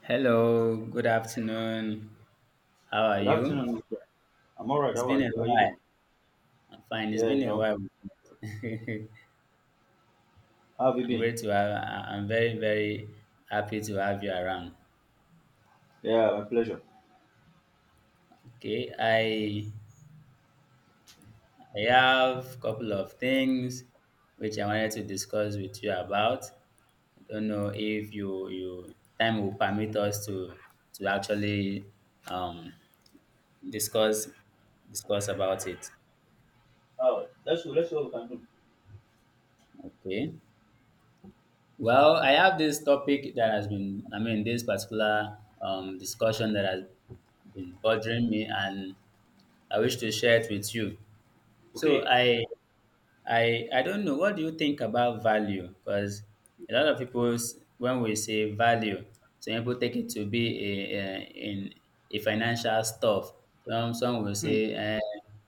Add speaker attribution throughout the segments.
Speaker 1: Hello, good afternoon. How are
Speaker 2: Good
Speaker 1: you?
Speaker 2: afternoon, my friend. I'm all right.
Speaker 1: It's
Speaker 2: How are
Speaker 1: been a
Speaker 2: you? How you
Speaker 1: while.
Speaker 2: doing?
Speaker 1: I'm fine. It's
Speaker 2: Yeah,
Speaker 1: been
Speaker 2: you
Speaker 1: a
Speaker 2: know.
Speaker 1: while.
Speaker 2: How have you
Speaker 1: I'm
Speaker 2: been?
Speaker 1: great to have. I'm very very happy to have you around.
Speaker 2: Yeah, my pleasure.
Speaker 1: Okay, I have a couple of things which I wanted to discuss with you about. I don't know if you time will permit us to actually um discuss about it.
Speaker 2: Oh, let's go. Let's see what we can do.
Speaker 1: Okay. Well, I have this topic that has been, I mean, this particular discussion that has been bothering me, and I wish to share it with you. So, I don't know. What do you think about value? Because a lot of people, when we say value, some people take it to be a, a in a financial stuff. Some will
Speaker 2: Hmm.
Speaker 1: say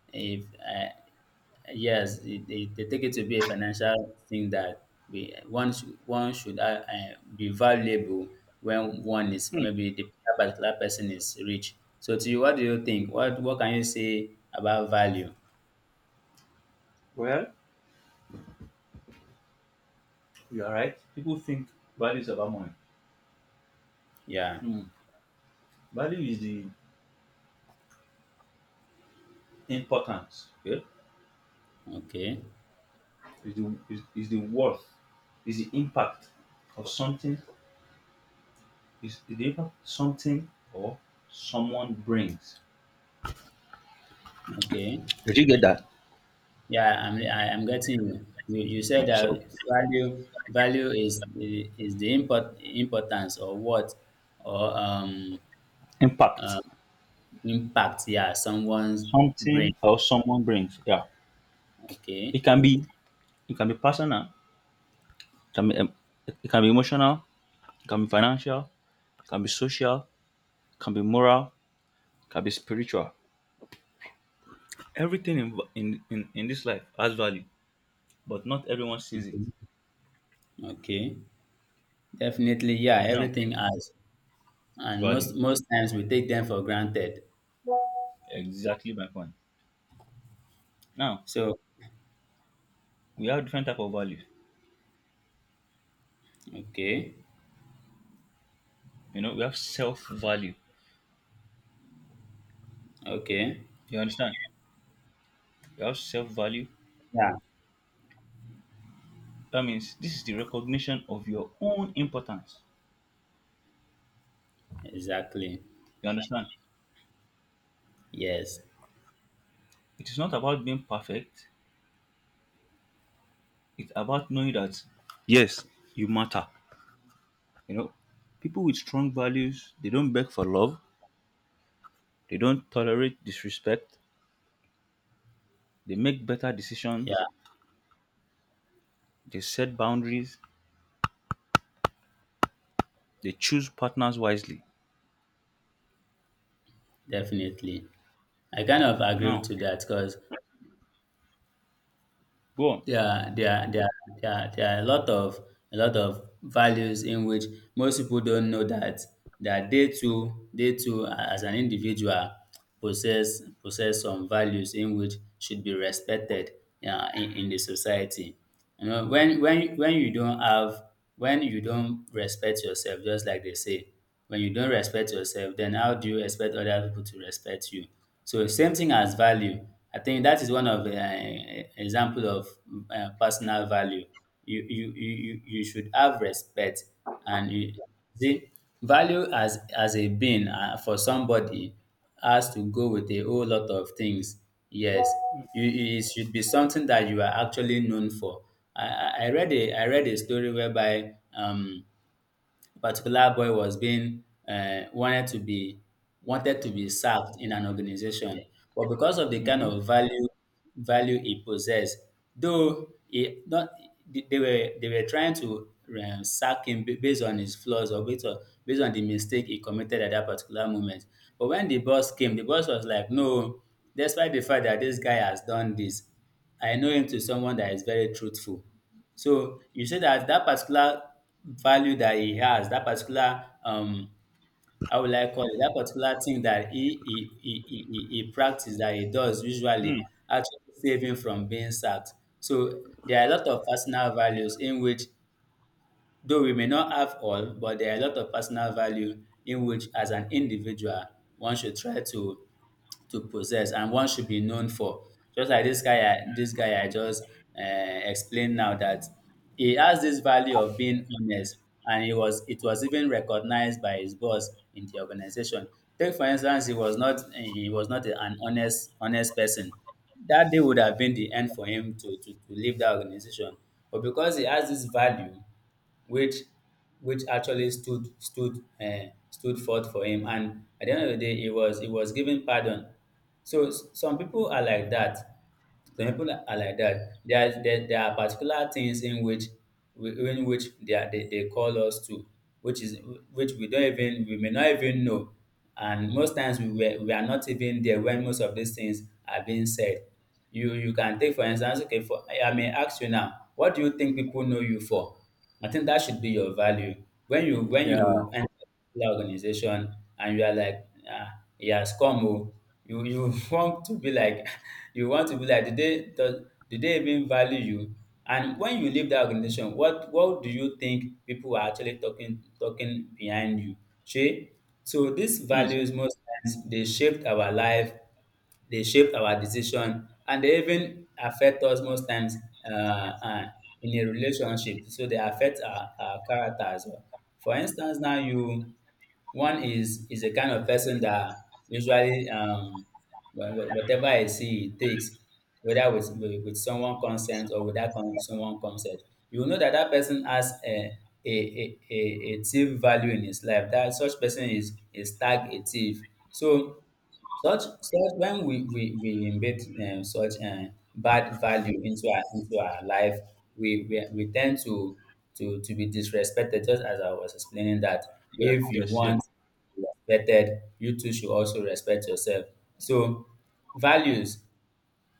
Speaker 1: if yes, they take it to be a financial thing that we one should be valuable when one is
Speaker 2: Hmm.
Speaker 1: maybe the particular person is rich. So to you, what do you think? What can you say about value?
Speaker 2: Well, you are right. People think value is about money.
Speaker 1: Yeah.
Speaker 2: Hmm. Value is the importance. Okay,
Speaker 1: Okay.
Speaker 2: is the worth, is the impact of something, is the impact something or someone brings.
Speaker 1: Okay.
Speaker 2: Did you get that?
Speaker 1: Yeah, I am getting you. You
Speaker 2: Uh,
Speaker 1: said that
Speaker 2: So
Speaker 1: value is the importance or what or
Speaker 2: impact
Speaker 1: uh, impact, yeah, someone's brain.
Speaker 2: something or someone brings. Yeah,
Speaker 1: Okay.
Speaker 2: it can be, it can be personal. It can be it can be emotional, it can be financial, it can be social, it can be moral, it can be spiritual. Everything in this life has value, but not everyone sees it.
Speaker 1: Okay. Definitely, yeah,
Speaker 2: Now,
Speaker 1: everything has. And
Speaker 2: value.
Speaker 1: most times we take them for granted.
Speaker 2: Exactly my point. Now,
Speaker 1: So,
Speaker 2: we have different type of value.
Speaker 1: okay.
Speaker 2: You know, we have self-value.
Speaker 1: Okay.
Speaker 2: You understand? We have self-value.
Speaker 1: Yeah,
Speaker 2: That means this is the recognition of your own importance.
Speaker 1: exactly.
Speaker 2: You understand?
Speaker 1: Yes.
Speaker 2: It is not about being perfect. It's about knowing that yes, you matter. You know, people with strong values, they don't beg for love, they don't tolerate disrespect, they make better decisions,
Speaker 1: Yeah,
Speaker 2: they set boundaries, they choose partners wisely.
Speaker 1: definitely. I kind of agree
Speaker 2: Now,
Speaker 1: to that because
Speaker 2: go on.
Speaker 1: there are there are there are there are there are a lot of values in which most people don't know that they too as an individual possess some values in which should be respected, yeah, in the society. You know, when you don't have, when you don't respect yourself, just like they say, when you don't respect yourself, then how do you expect other people to respect you? So same thing as value. I think that is one of the example of personal value. You should have respect, and you see value as a being, for somebody, has to go with a whole lot of things. Yes, you it should be something that you are actually known for. I read a story whereby a particular boy was being wanted to be sacked in an organization, but because of the kind
Speaker 2: Hmm.
Speaker 1: of value he possessed, though he not they they were trying to sack him based on his flaws or based on the mistake he committed at that particular moment. But when the boss came, the boss was like, "No, despite the fact that this guy has done this, I know him to someone that is very truthful." So you say that that particular value that he has, that particular how will I call it, that particular thing that he practice that he does usually
Speaker 2: Mm.
Speaker 1: actually save him from being sacked. So there are a lot of personal values in which, though we may not have all, but there are a lot of personal value in which, as an individual, one should try to possess and one should be known for, just like this guy I just uh, explained now, that he has this value of being honest, and he was it was even recognized by his boss in the organization. Take for instance, he was not an honest person, that day would have been the end for him to to leave that organization. But because he has this value which actually stood forth for him. And at the end of the day, he was given pardon. So some people are like that. Some people are like that. There are particular things in which in which they, are, they call us to, which is, which we don't even, we may not even know, and most times we are not even there when most of these things are being said. You can take for instance, okay, for I may ask you now, what do you think people know you for? I think that should be your value. When
Speaker 2: Yeah.
Speaker 1: you enter particular organization and you are like, ah, he has come oo. You want to be like you want to be like, did they, does did they even value you? And when you leave that organization, what do you think people are actually talking behind you. See, so these
Speaker 2: Mm. So,
Speaker 1: values most times they shape our life, dey shape our decision, and dey even affect us most times, um um in a relationship. So dey affect our character as well. For instance now, you one is a kind of person that usually whatever he see, he takes, whether with someone consent or without someone consent. You know that that person has a a a a thief value in his life. That such person is tag a thief. So such, when we embed such bad value into our life, we tend to, to be disrespected. Just as I was explaining that
Speaker 2: yes.
Speaker 1: if you
Speaker 2: Yes, yes.
Speaker 1: want to be respected, you too should also respect yourself. So values,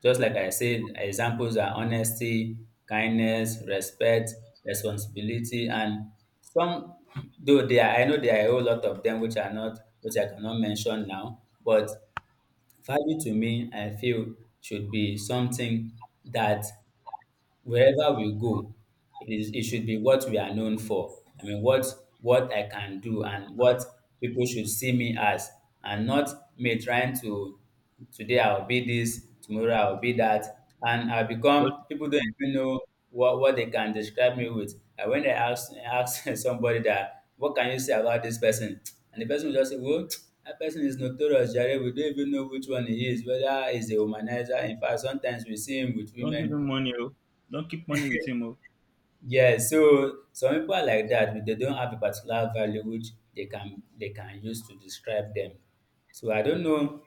Speaker 1: just like I said, examples are honesty, kindness, respect, responsibility, and some, though there are, I know there are a whole lot of them which are not, which I cannot mention now, but value to me, I feel, should be something that wherever we go, it should be what we are known for. I mean, what I can do and what people should see me as, and not me trying to, today I'll be this, tomorrow I'll be that, and I
Speaker 2: Don't,
Speaker 1: become, people don't even know what they can describe me with. And when I ask ask somebody that, what can you say about this person, and the person will just say, well. That person is notorious, Jerry. We don't even know which one he is, whether he's a womanizer. In fact, sometimes we see him with
Speaker 2: don't give
Speaker 1: women.
Speaker 2: him money, oh. Don't keep money with him, oh.
Speaker 1: Yeah, so some people are like that. They don't have a particular value which they can use to describe them. So I don't know.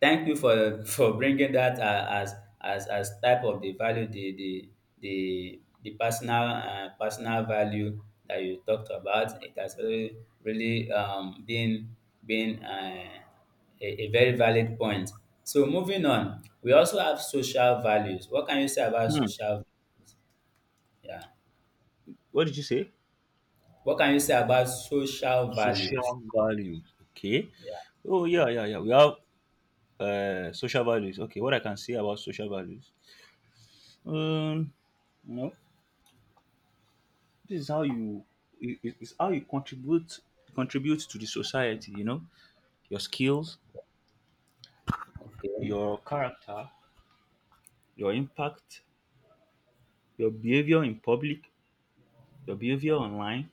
Speaker 1: Thank you for for bringing that as type of the value, the personal, personal value that you talked about. It has really been been uh, a very valid point. So moving on, we also have social values. What can you say about
Speaker 2: Hmm.
Speaker 1: social values? Yeah.
Speaker 2: What did you say?
Speaker 1: What can you say about social values?
Speaker 2: Social values. Okay.
Speaker 1: Yeah.
Speaker 2: Oh yeah, yeah, yeah. We have social values. Okay. What I can say about social values? Um. No, this is how you, it's how you contribute, contribute to the society, you know, your skills,
Speaker 1: Okay.
Speaker 2: your character, your impact, your behavior in public, your behavior online.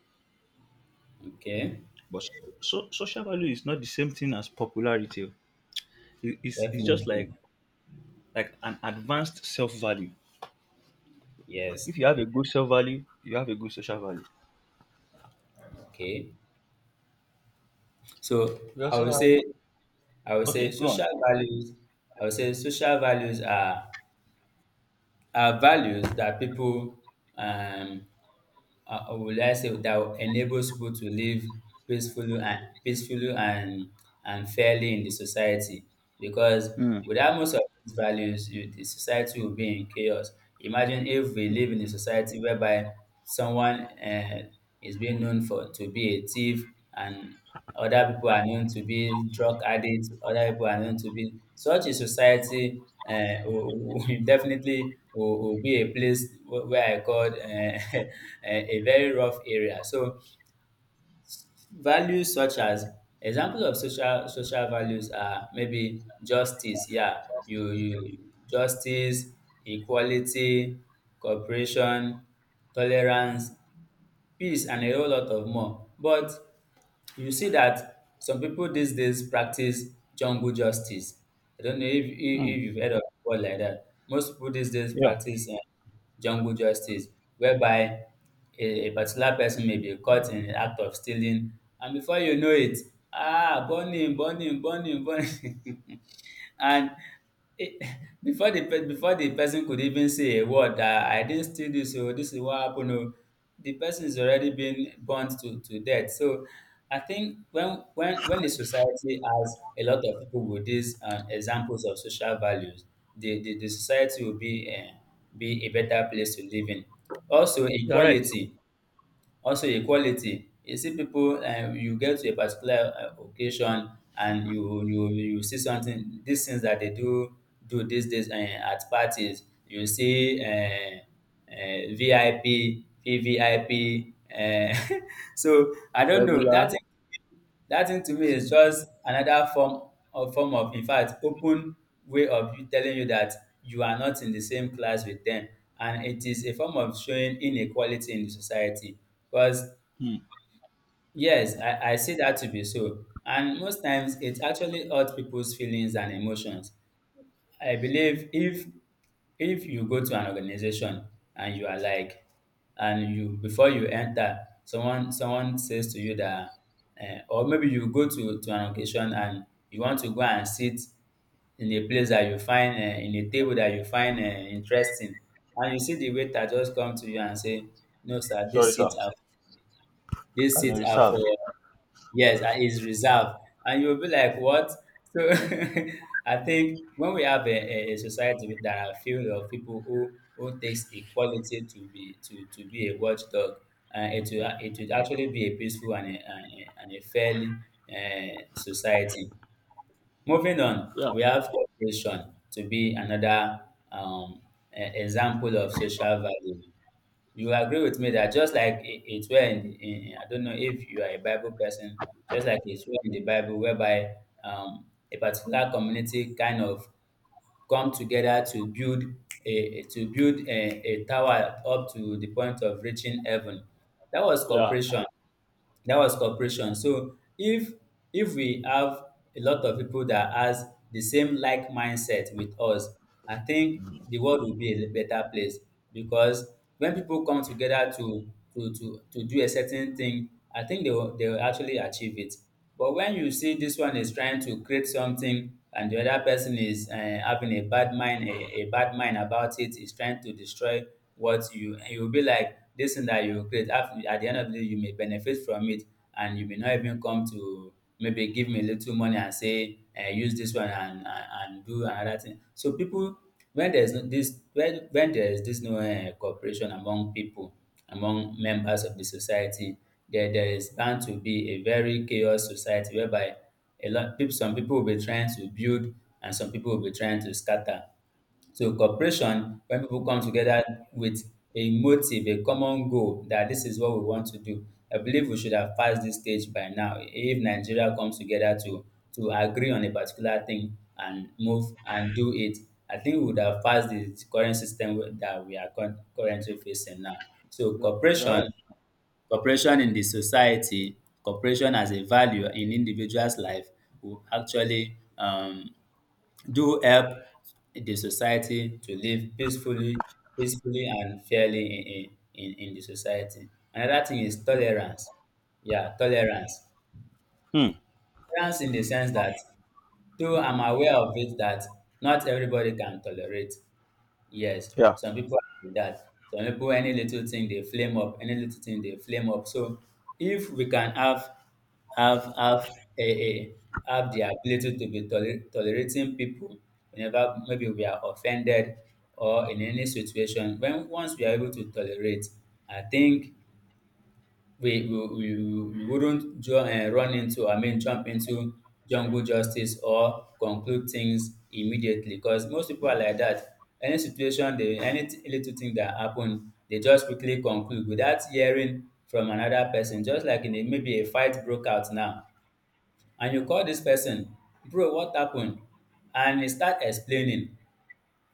Speaker 1: Okay.
Speaker 2: But so, social value is not the same thing as popularity, oh. It's just like
Speaker 1: Definitely.
Speaker 2: like an advanced self value.
Speaker 1: Yes.
Speaker 2: If you have a good self value, you have a good social value.
Speaker 1: Okay. So
Speaker 2: We
Speaker 1: I
Speaker 2: also
Speaker 1: would
Speaker 2: have,
Speaker 1: say I would
Speaker 2: okay,
Speaker 1: say
Speaker 2: go
Speaker 1: social
Speaker 2: on.
Speaker 1: values. I would say social values are values that people, um or will I say, that enables people to live peacefully and fairly in the society. Because
Speaker 2: Mm.
Speaker 1: without most of these values, the society will be in chaos. Imagine if we live in a society whereby someone, is being known for to be a thief, and other people are known to be drug addicts. Other people are known to be such a society. Will definitely will be a place where I called, a very rough area. So values such as, examples of social values are maybe justice. Yeah, you justice, equality, cooperation, tolerance, peace, and a whole lot of more. But you see that some people these days practice jungle justice. I don't know if
Speaker 2: Mm.
Speaker 1: you've heard of a word like that. Most people these days
Speaker 2: Yeah,
Speaker 1: practice jungle justice, whereby a particular person may be caught in the act of stealing, and before you know it, ah, burn him, burn him, burn him, burn him. And it, before the before the person could even say a word, that I didn't steal this, so this is what happened oh, the person is already been burnt to death. So I think when when the society has a lot of people with these examples of social values, the, the society will be, be a better place to live in. Also
Speaker 2: you're right.
Speaker 1: equality. Also equality, you see people, um, you get to a particular occasion, and you see something, these things that they do these days, um, at parties. You see VIP, VVIP so I don't know that.
Speaker 2: Regular.
Speaker 1: That thing to me is just another form of in fact open way of you telling you that you are not in the same class with them, and it is a form of showing inequality in the society because
Speaker 2: Mm.
Speaker 1: yes, I see that to be so, and most times it actually hurts people's feelings and emotions. I believe if you go to an organization and you are like, and you before you enter, someone says to you that, or maybe you go to an occasion and you want to go and sit in a place that you find in a table that you find interesting, and you see the waiter just come to you and say, "No, sir,
Speaker 2: Sorry,
Speaker 1: this
Speaker 2: sir.
Speaker 1: seats are these
Speaker 2: As a
Speaker 1: seats are for"
Speaker 2: reserve.
Speaker 1: Yes, and it's reserved. And you'll be like, what? So I think when we have a society that are filled of people who takes equality to be to be a watchdog, it will it would actually be a peaceful and a fairly society. Moving on,
Speaker 2: Yeah,
Speaker 1: we have cooperation to be another um, example of social value. You agree with me that just like it's where in, I don't know if you are a Bible person, just like it's where in the Bible whereby a particular community kind of come together to build a to build a tower up to the point of reaching heaven. That was
Speaker 2: yeah.
Speaker 1: cooperation, that was cooperation. So if we have a lot of people that has the same like mindset with us, I think the world will be a better place, because when people come together to to do a certain thing, I think they will actually achieve it. But when you see this one is trying to create something and the other person is having a bad mind, a bad mind about it, is trying to destroy what you, and you'll be like, this thing that you create, after, at the end of the day, you may benefit from it, and you may not even come to maybe give me a little money and say, use this one and, and do another thing. So people when there is no this when there is this no cooperation among pipo, among members of the society, there is bound to be a very chaos society, whereby a lot peop some people will be trying to build and some people will be trying to scatter. So cooperation, when people come together with a motive, a common goal that this is what we want to do. I believe we should have passed this stage by now. If Nigeria comes together to agree on a particular thing and move and do it, I think we would have passed the current system that we are currently facing now. So
Speaker 2: You're you're
Speaker 1: cooperation,
Speaker 2: right.
Speaker 1: cooperation in the society, cooperation as a value in individuals' life will actually do help the society to live peacefully, peacefully and fairly in the society. Another thing is tolerance. Yeah, tolerance.
Speaker 2: Hmm.
Speaker 1: Tolerance in the sense that though I'm aware of it that not everybody can tolerate, yes,
Speaker 2: Yeah.
Speaker 1: some people do that. Some people, any little thing they flame up. Any little thing they flame up. So if we can have have a have the ability to be tolerating people whenever maybe we are offended or in any situation, when once we are able to tolerate, I think we we, we, we wouldn't run into, I mean, jump into jungle justice or conclude things immediately because most people are like that. Any situation, they, any little thing that happen, they just quickly conclude without hearing from another person. Just like in a, maybe a fight broke out now, and you call this person, bro, what happened? And he start explaining.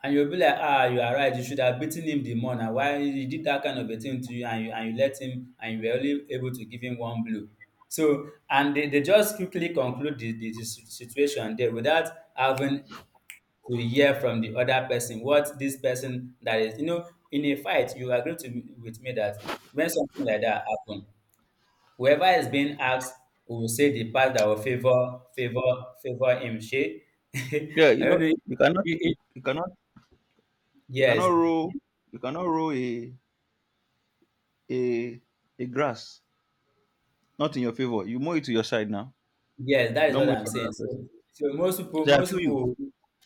Speaker 1: And you'll be like, ah, you are right. You should have beaten him the more now. Why he did that kind of a thing to you, and you and you let him, and you were only able to give him one blow. So and they just quickly conclude the situation there without having to hear from the other person what this person that is, you know, in a fight. You agree with me that when something like that happen, whoever is being asked will say the part that will favor favor him, shey?
Speaker 2: Yeah. You
Speaker 1: I don't
Speaker 2: know,
Speaker 1: know
Speaker 2: you cannot,
Speaker 1: if
Speaker 2: you cannot, you cannot
Speaker 1: yes.
Speaker 2: roll, you cannot roll a a grass not in your favor. You move it to your side now.
Speaker 1: Yes, that
Speaker 2: You
Speaker 1: is
Speaker 2: don't
Speaker 1: what
Speaker 2: move it
Speaker 1: I'm
Speaker 2: for
Speaker 1: saying.
Speaker 2: another person.
Speaker 1: So, so
Speaker 2: So I
Speaker 1: most
Speaker 2: feel you.
Speaker 1: people,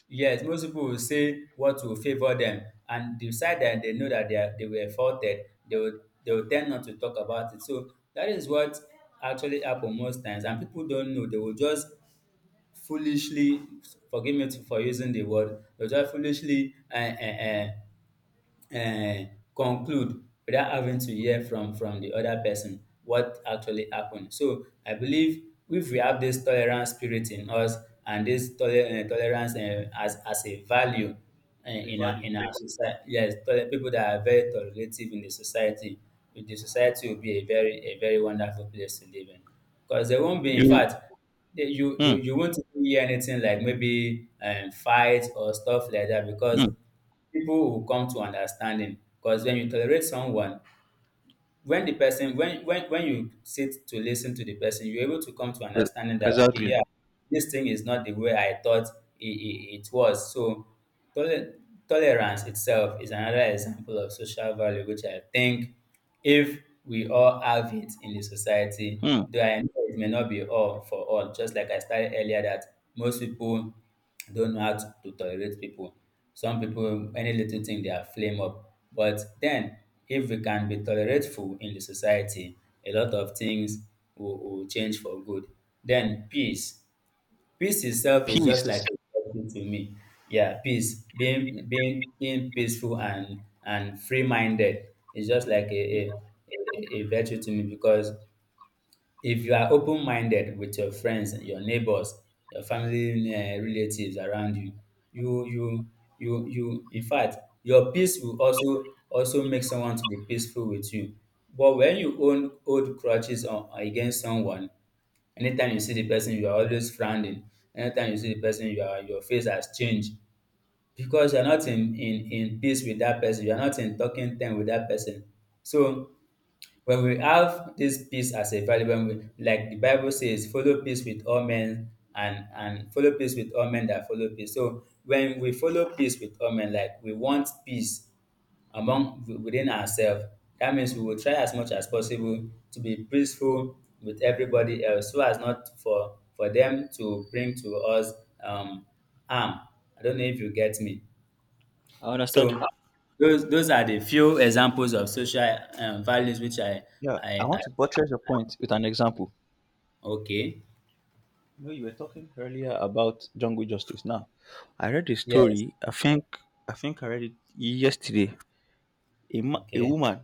Speaker 1: yes, most people will say what will favor them, and the side that they know that they were faulted, they will tend not to talk about it. So that is what actually happen most times, and people don't know. They will just foolishly, forgive me for using the word, does that foolishly uh, uh, conclude without having to hear from the other person what actually happened. So I believe if we have this tolerance spirit in us and this tolerance as a value
Speaker 2: A value.
Speaker 1: in our society. Yes, people that are very tolerative in the society will be a very wonderful place to live in, because there won't be, in
Speaker 2: You.
Speaker 1: fact, yeah, you
Speaker 2: Hmm.
Speaker 1: you won't hear anything like maybe fight or stuff like that, because
Speaker 2: Hmm.
Speaker 1: people will come to understanding. Because when you tolerate someone, when the person when you sit to listen to the person, you're able to come to
Speaker 2: E-
Speaker 1: understanding that okay,
Speaker 2: Exactly.
Speaker 1: yeah, this thing is not the way I thought it was. So tole- tolerance itself is another example of social value, which I think if we all have it in the society,
Speaker 2: Hmm.
Speaker 1: though I know it may not be all for all, just like I started earlier that most people don't know how to tolerate people. Some people, any little thing, they are flame up. But then, if we can be tolerateful in the society, a lot of things will change for good. Then peace. Peace itself is just like
Speaker 2: Peace.
Speaker 1: therapy to me. Yeah, peace. Being peaceful and free minded is just like
Speaker 2: Mm.
Speaker 1: a virtue to me, because if you are open minded with your friends, and your neighbors, your family, relatives around you, you you in fact your peace will also also make someone to be peaceful with you. But when you own hold grudges on against someone, anytime you see the person you are always frowning, anytime you see the person you are your face has changed, because you are not in peace with that person, you are not in talking time with that person. So when we have this peace as a value, when we, like the Bible says, follow peace with all men, and follow peace with all men that follow peace. So when we follow peace with all men, like we want peace among within ourselves, that means we will try as much as possible to be peaceful with everybody else, so as not for them to bring to us um, harm. I don't know if you get me.
Speaker 2: I understand you.
Speaker 1: So those are the few examples of social values which I,
Speaker 2: Yeah. I
Speaker 1: I
Speaker 2: want
Speaker 1: I
Speaker 2: to buttress your point with an example.
Speaker 1: Okay.
Speaker 2: You know, you were talking earlier about jungle justice. Now, I read a
Speaker 1: Yes.
Speaker 2: story. I think I think I read it yesterday, a, a
Speaker 1: Okay.
Speaker 2: woman.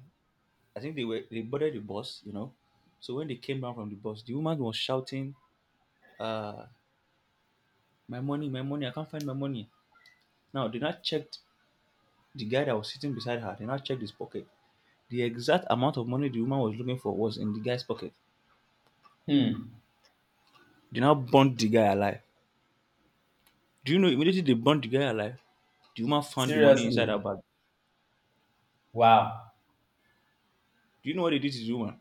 Speaker 2: I think they were, they boarded the bus, you know. So when they came down from the bus, the woman was shouting, uh my money, my money, I can't find my money. Now they not checked the guy that was sitting beside her, they not checked his pocket. The exact amount of money the woman was looking for was in the guy's pocket.
Speaker 1: Hmm.
Speaker 2: They now burnt the guy alive. Do you know immediately they burnt the guy alive, the woman found the money inside her
Speaker 1: Seriously.
Speaker 2: bag?
Speaker 1: Wow.
Speaker 2: Do you know what they did to the woman?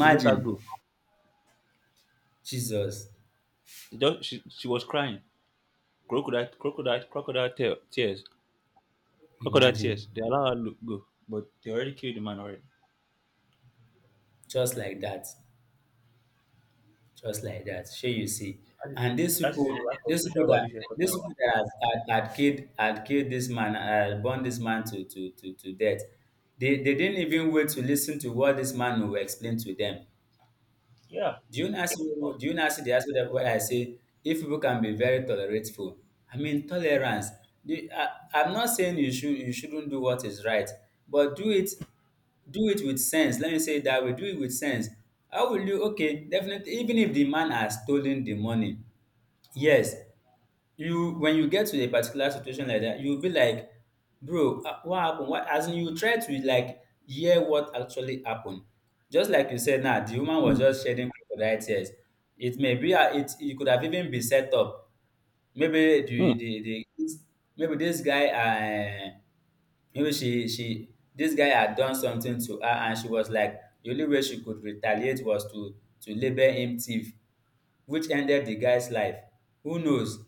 Speaker 2: They let her go.
Speaker 1: Jesus,
Speaker 2: They just, she was crying, crocodile, crocodile, crocodile tear, tears. Crocodile
Speaker 1: imagine,
Speaker 2: tears. They allow her to go, but they already killed the man already.
Speaker 1: just like that, just like that. Sure, you see,
Speaker 2: That is,
Speaker 1: and
Speaker 2: that is the lack of social values you're talking
Speaker 1: these
Speaker 2: about.
Speaker 1: people that had, had, had killed this man, burned this man to death. They didn't even wait to listen to what this man will explain to them.
Speaker 2: Yeah.
Speaker 1: Do you not see,
Speaker 2: Oh.
Speaker 1: do you not see the aspect of what I say? If people can be very tolerantful, I mean tolerance. The- I, I'm not saying you should you shouldn't do what is right, but do it, do it with sense. Let me say it that way. Do it with sense. How will you? Okay, definitely. Even if the man has stolen the money, yes, you when you get to a particular situation like that, you'll be like, bro, ah, what happened? What as in you try to like hear what actually happened. Just like you said now, the woman was
Speaker 2: Hmm.
Speaker 1: just shedding crocodile tears. It may be ah, it could have even been set up. Maybe
Speaker 2: Mm.
Speaker 1: the maybe this guy maybe she this guy had done something to her, and she was like the only way she could retaliate was to label him thief, which ended the guy's life. Who knows?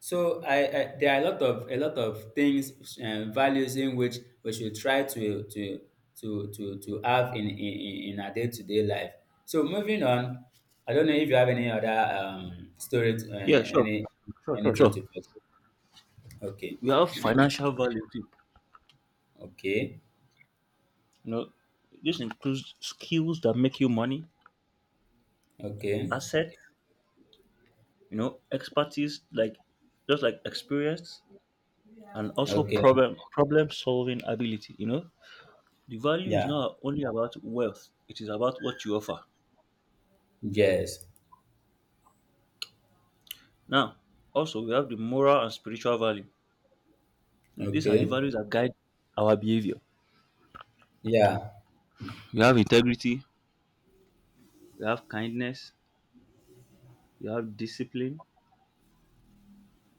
Speaker 1: So I there are a lot of things and values in which we should try to have in our day to day life. So moving on, I don't know if you have any other story,
Speaker 2: Yeah, sure.
Speaker 1: any
Speaker 2: Sure, sure,
Speaker 1: anything
Speaker 2: sure.
Speaker 1: to put. Okay,
Speaker 2: We have financial value too.
Speaker 1: okay,
Speaker 2: You know, this includes skills that make you money,
Speaker 1: okay,
Speaker 2: assets, you know, expertise, like just like experience, and also
Speaker 1: okay.
Speaker 2: problem solving ability. You know, the value is
Speaker 1: Yeah.
Speaker 2: not only about wealth; it is about what you offer.
Speaker 1: Yes.
Speaker 2: Now, also we have the moral and spiritual value. These are the
Speaker 1: Okay.
Speaker 2: values that guide our behavior.
Speaker 1: Yeah.
Speaker 2: We have integrity, we have kindness, we have discipline,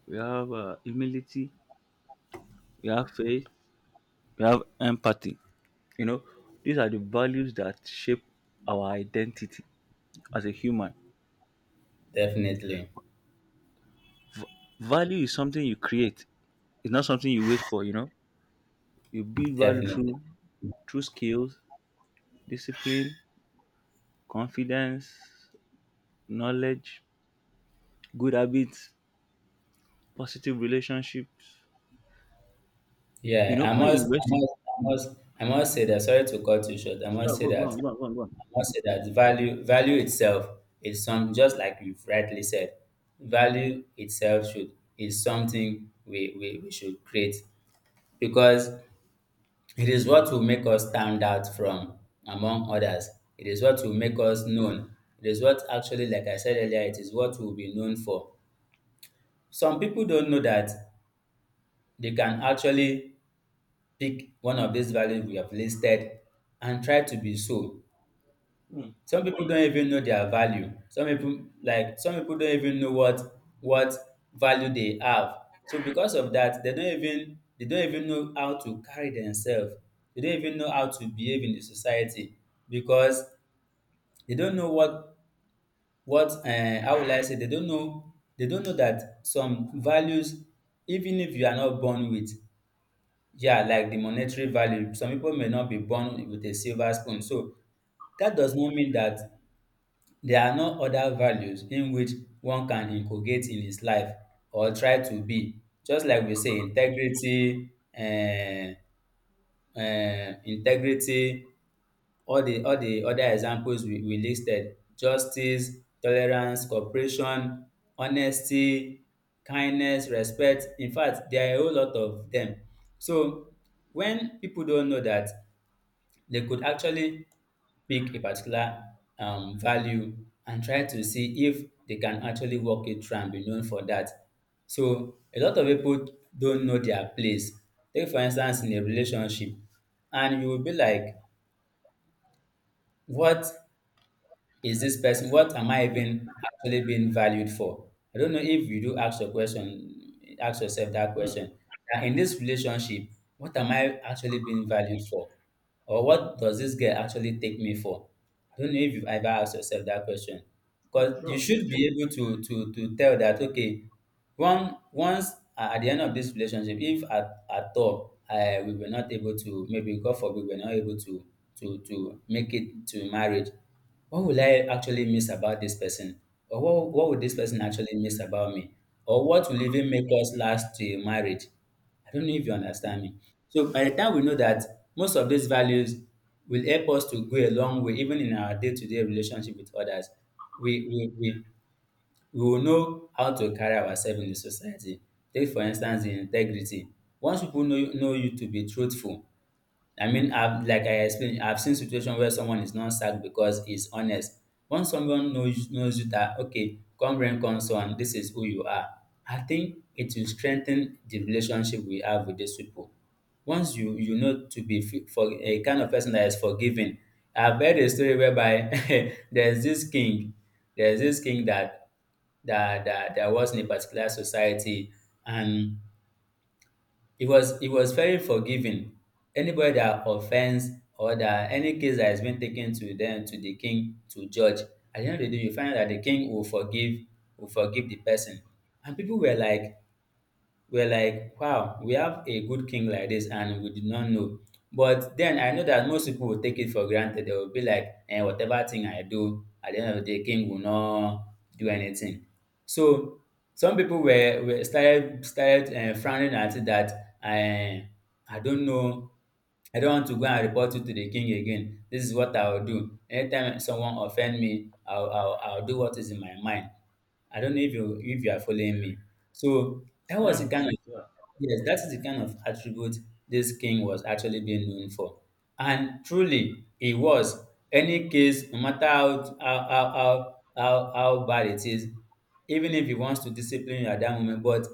Speaker 2: we have humility, we have faith, we have empathy. You know, these are the values that shape our identity as a human.
Speaker 1: Definitely.
Speaker 2: Value is something you create. It's not something you wait for. You know, you build value
Speaker 1: Definitely.
Speaker 2: through, through skills, discipline, confidence, knowledge, good habits, positive relationships. You
Speaker 1: Yeah,
Speaker 2: know, when you invest in.
Speaker 1: I must say that. Sorry to cut you short. I
Speaker 2: Yeah,
Speaker 1: must say
Speaker 2: go, go
Speaker 1: that.
Speaker 2: on, go on, go on, go on.
Speaker 1: I must say that value itself is some just like you've rightly said. Value itself should Is something we should create, because it is what will make us stand out from among others. It is what will
Speaker 2: Mm,
Speaker 1: make us known. It is what actually, like I said earlier, it is what we'll be known for. Some people don't know that they can actually pick one of these values we have listed and try to be so.
Speaker 2: mm,
Speaker 1: Some people don't even know their value. Some people like some people don't even know what value they have. So because of that, they don't even know how to carry themselves. They don't even know how to behave in the society because they don't know what how will I say, they don't know that some values, even if you are not born with. Yeah, like the monetary value. Some people may not be born with a silver spoon. So that does not mean that there are no other values in which one can inculcate in his life or try to be. Just like we say, integrity, uh, integrity, all the other examples we listed: justice, tolerance, cooperation, honesty, kindness, respect. In fact, there are a whole lot of them. So when people don't know that they could actually pick a particular value and try to see if they can actually work it through and be known for that. So a lot of people don't know their place. Take for instance in a relationship, and you will be like, what is this person what am I even actually being valued for? I don't know if you do ask your question, ask yourself that
Speaker 2: mm.
Speaker 1: question, that in this relationship, what am I actually being valued for? Or what does this girl actually take me for? I don't know if you've ever asked yourself that question,
Speaker 2: Yeah,
Speaker 1: because you
Speaker 2: sure.
Speaker 1: should be able to to tell that, okay, one once at the end of this relationship, if at all we were not able to, maybe, God forbid, we were not able to to make it to marriage, what will I actually miss about this person? Or what would this person actually miss about me? Or what will even make us last to marriage? I don't know if you
Speaker 2: Mm.
Speaker 1: understand me. So by the time we know that most of these values will help us to go a long way, even in our day-to-day relationship with others, we we, we, we will know how to carry ourselves in the society. Take for instance the integrity. Once people know you to be truthful, I mean, I've, like I explained, I've seen situation where someone is not sacked because he's honest. Once someone knows knows you that, okay, come rain, come sun, this is who you are. I think it will strengthen the relationship we have with these people. Once you know to be for a kind of person that is forgiving. I've heard a story whereby there's this king that there was in a particular society, and he was, he was very forgiving. Anybody that offends or that any case that has been taken to the king to judge, at the end of the day, you find that the king will forgive the person. And people were like, wow, we have a good king like this and we did not know. But then I know that most people will take it for granted. They will be like, eh, whatever thing I do, at the end of the day, king will not do anything. So some people were started frowning at it, that I don't know, I don't want to go and report you to the king again. This is what I will do. Anytime someone offend me, I'll do what is in my mind. I don't know if you are following me. So that
Speaker 2: I
Speaker 1: was
Speaker 2: am
Speaker 1: the kind
Speaker 2: listening.
Speaker 1: of
Speaker 2: Yeah.
Speaker 1: yes, that is the kind of attribute this king was actually being known for. And truly he was. Any case, no matter how bad it is, even if he wants to discipline you at that moment, but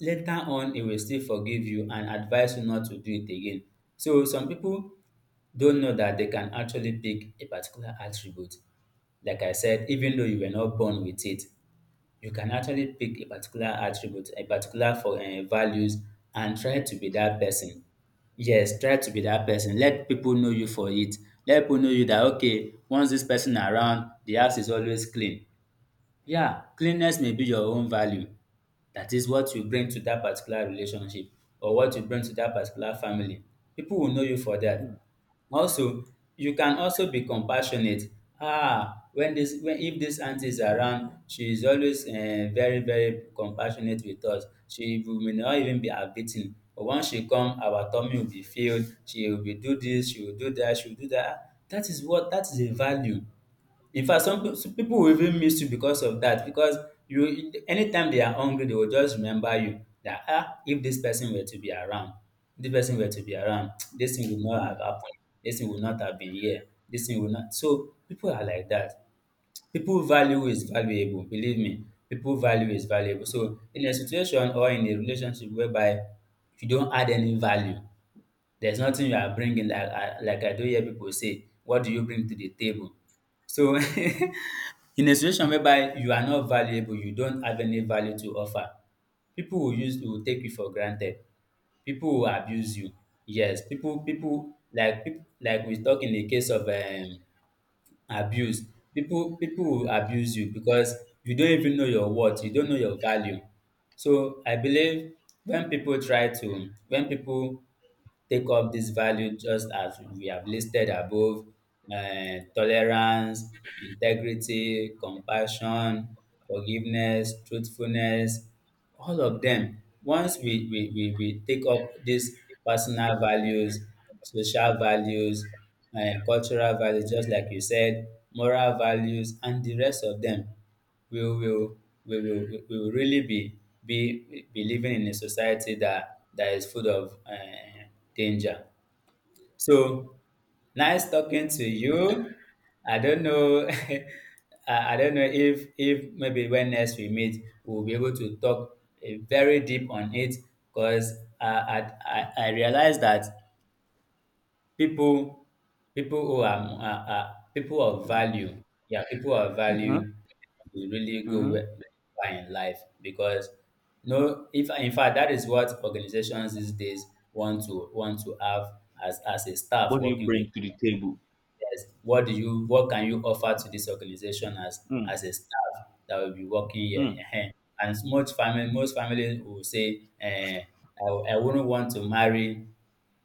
Speaker 1: later on he will still forgive you and advise you not to do it again. So some people don't know that they can actually pick a particular attribute. Like I said, even though you were not born with it, you can actually pick a particular attribute, a particular for values, and try to be that person. Yes, try to be that person. Let people know you for it. Let people know you that, okay, once this person around, the house is always clean. Yeah, cleanliness may be your own value. That is what you bring to that particular relationship, or what you bring to that particular family. People will know you for
Speaker 2: Mm,
Speaker 1: that. Also, you can also be compassionate. Ah, when this when if this auntie is around, she is always very compassionate with us. She will- may not even be her beating. But once she come, our tummy will be filled. She will be do this, she will do that, she will do that. That is what that is a value. In fact, some people will even miss you because of that. Because you, anytime they are hungry, they will just remember you that, ah, if this person were to be around, if this person were to be around, this thing would not
Speaker 2: mm.
Speaker 1: have happened. This thing would not have been here. This thing would not. So people are like that. People value is valuable. Believe me, people value is valuable. So in a situation or in a relationship whereby, if you don't add any value, there's nothing you are bringing. Like I do hear people say, "What do you bring to the table?" So in a situation whereby you are not valuable, you don't have any value to offer, people will use you will take you for granted, people will abuse you. Yes, people like we talk in the case of abuse. People will abuse you because you don't even know your worth, you don't know your value. So I believe when people try to when people take up this value just as we have listed above: tolerance, integrity, compassion, forgiveness, truthfulness, all of them. Once we take up these personal values, social values, cultural values, just like you said, moral values and the rest of them, we will, we will really be living in a society that is full of danger. So, nice talking to you. I don't know. I don't know if, maybe when next we meet, we'll be able to talk, eh, very deep on it, because I realize that people, people who are people of value, yeah, people of
Speaker 2: Mm-hmm.
Speaker 1: value will really
Speaker 2: Mm-hmm.
Speaker 1: far in life, because no, if in fact that is what organizations these days want to have as a staff
Speaker 2: What do you
Speaker 1: working with.
Speaker 2: bring to the table?
Speaker 1: Yes. What can you offer to this organization as
Speaker 2: Mm,
Speaker 1: a staff that will be working here?
Speaker 2: mm.
Speaker 1: Ehen. And most family most families will say, eh, I, I wouldn't want to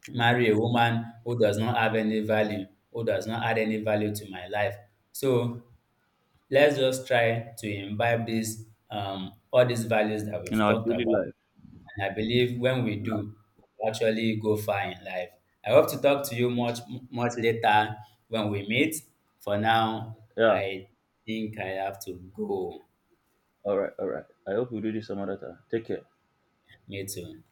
Speaker 1: marry a woman who does not have any value, who does not add any value to my life. So let's just try to imbibe this all these values that
Speaker 2: In
Speaker 1: we've
Speaker 2: our
Speaker 1: talked
Speaker 2: daily
Speaker 1: about,
Speaker 2: life.
Speaker 1: and I believe when we
Speaker 2: In our-
Speaker 1: do, we'll actually go far in life. I hope to talk to you much later when we meet. For now,
Speaker 2: Yeah.
Speaker 1: I think I have to go.
Speaker 2: All right. All right. I hope we do this some other time. Take care.
Speaker 1: Me too.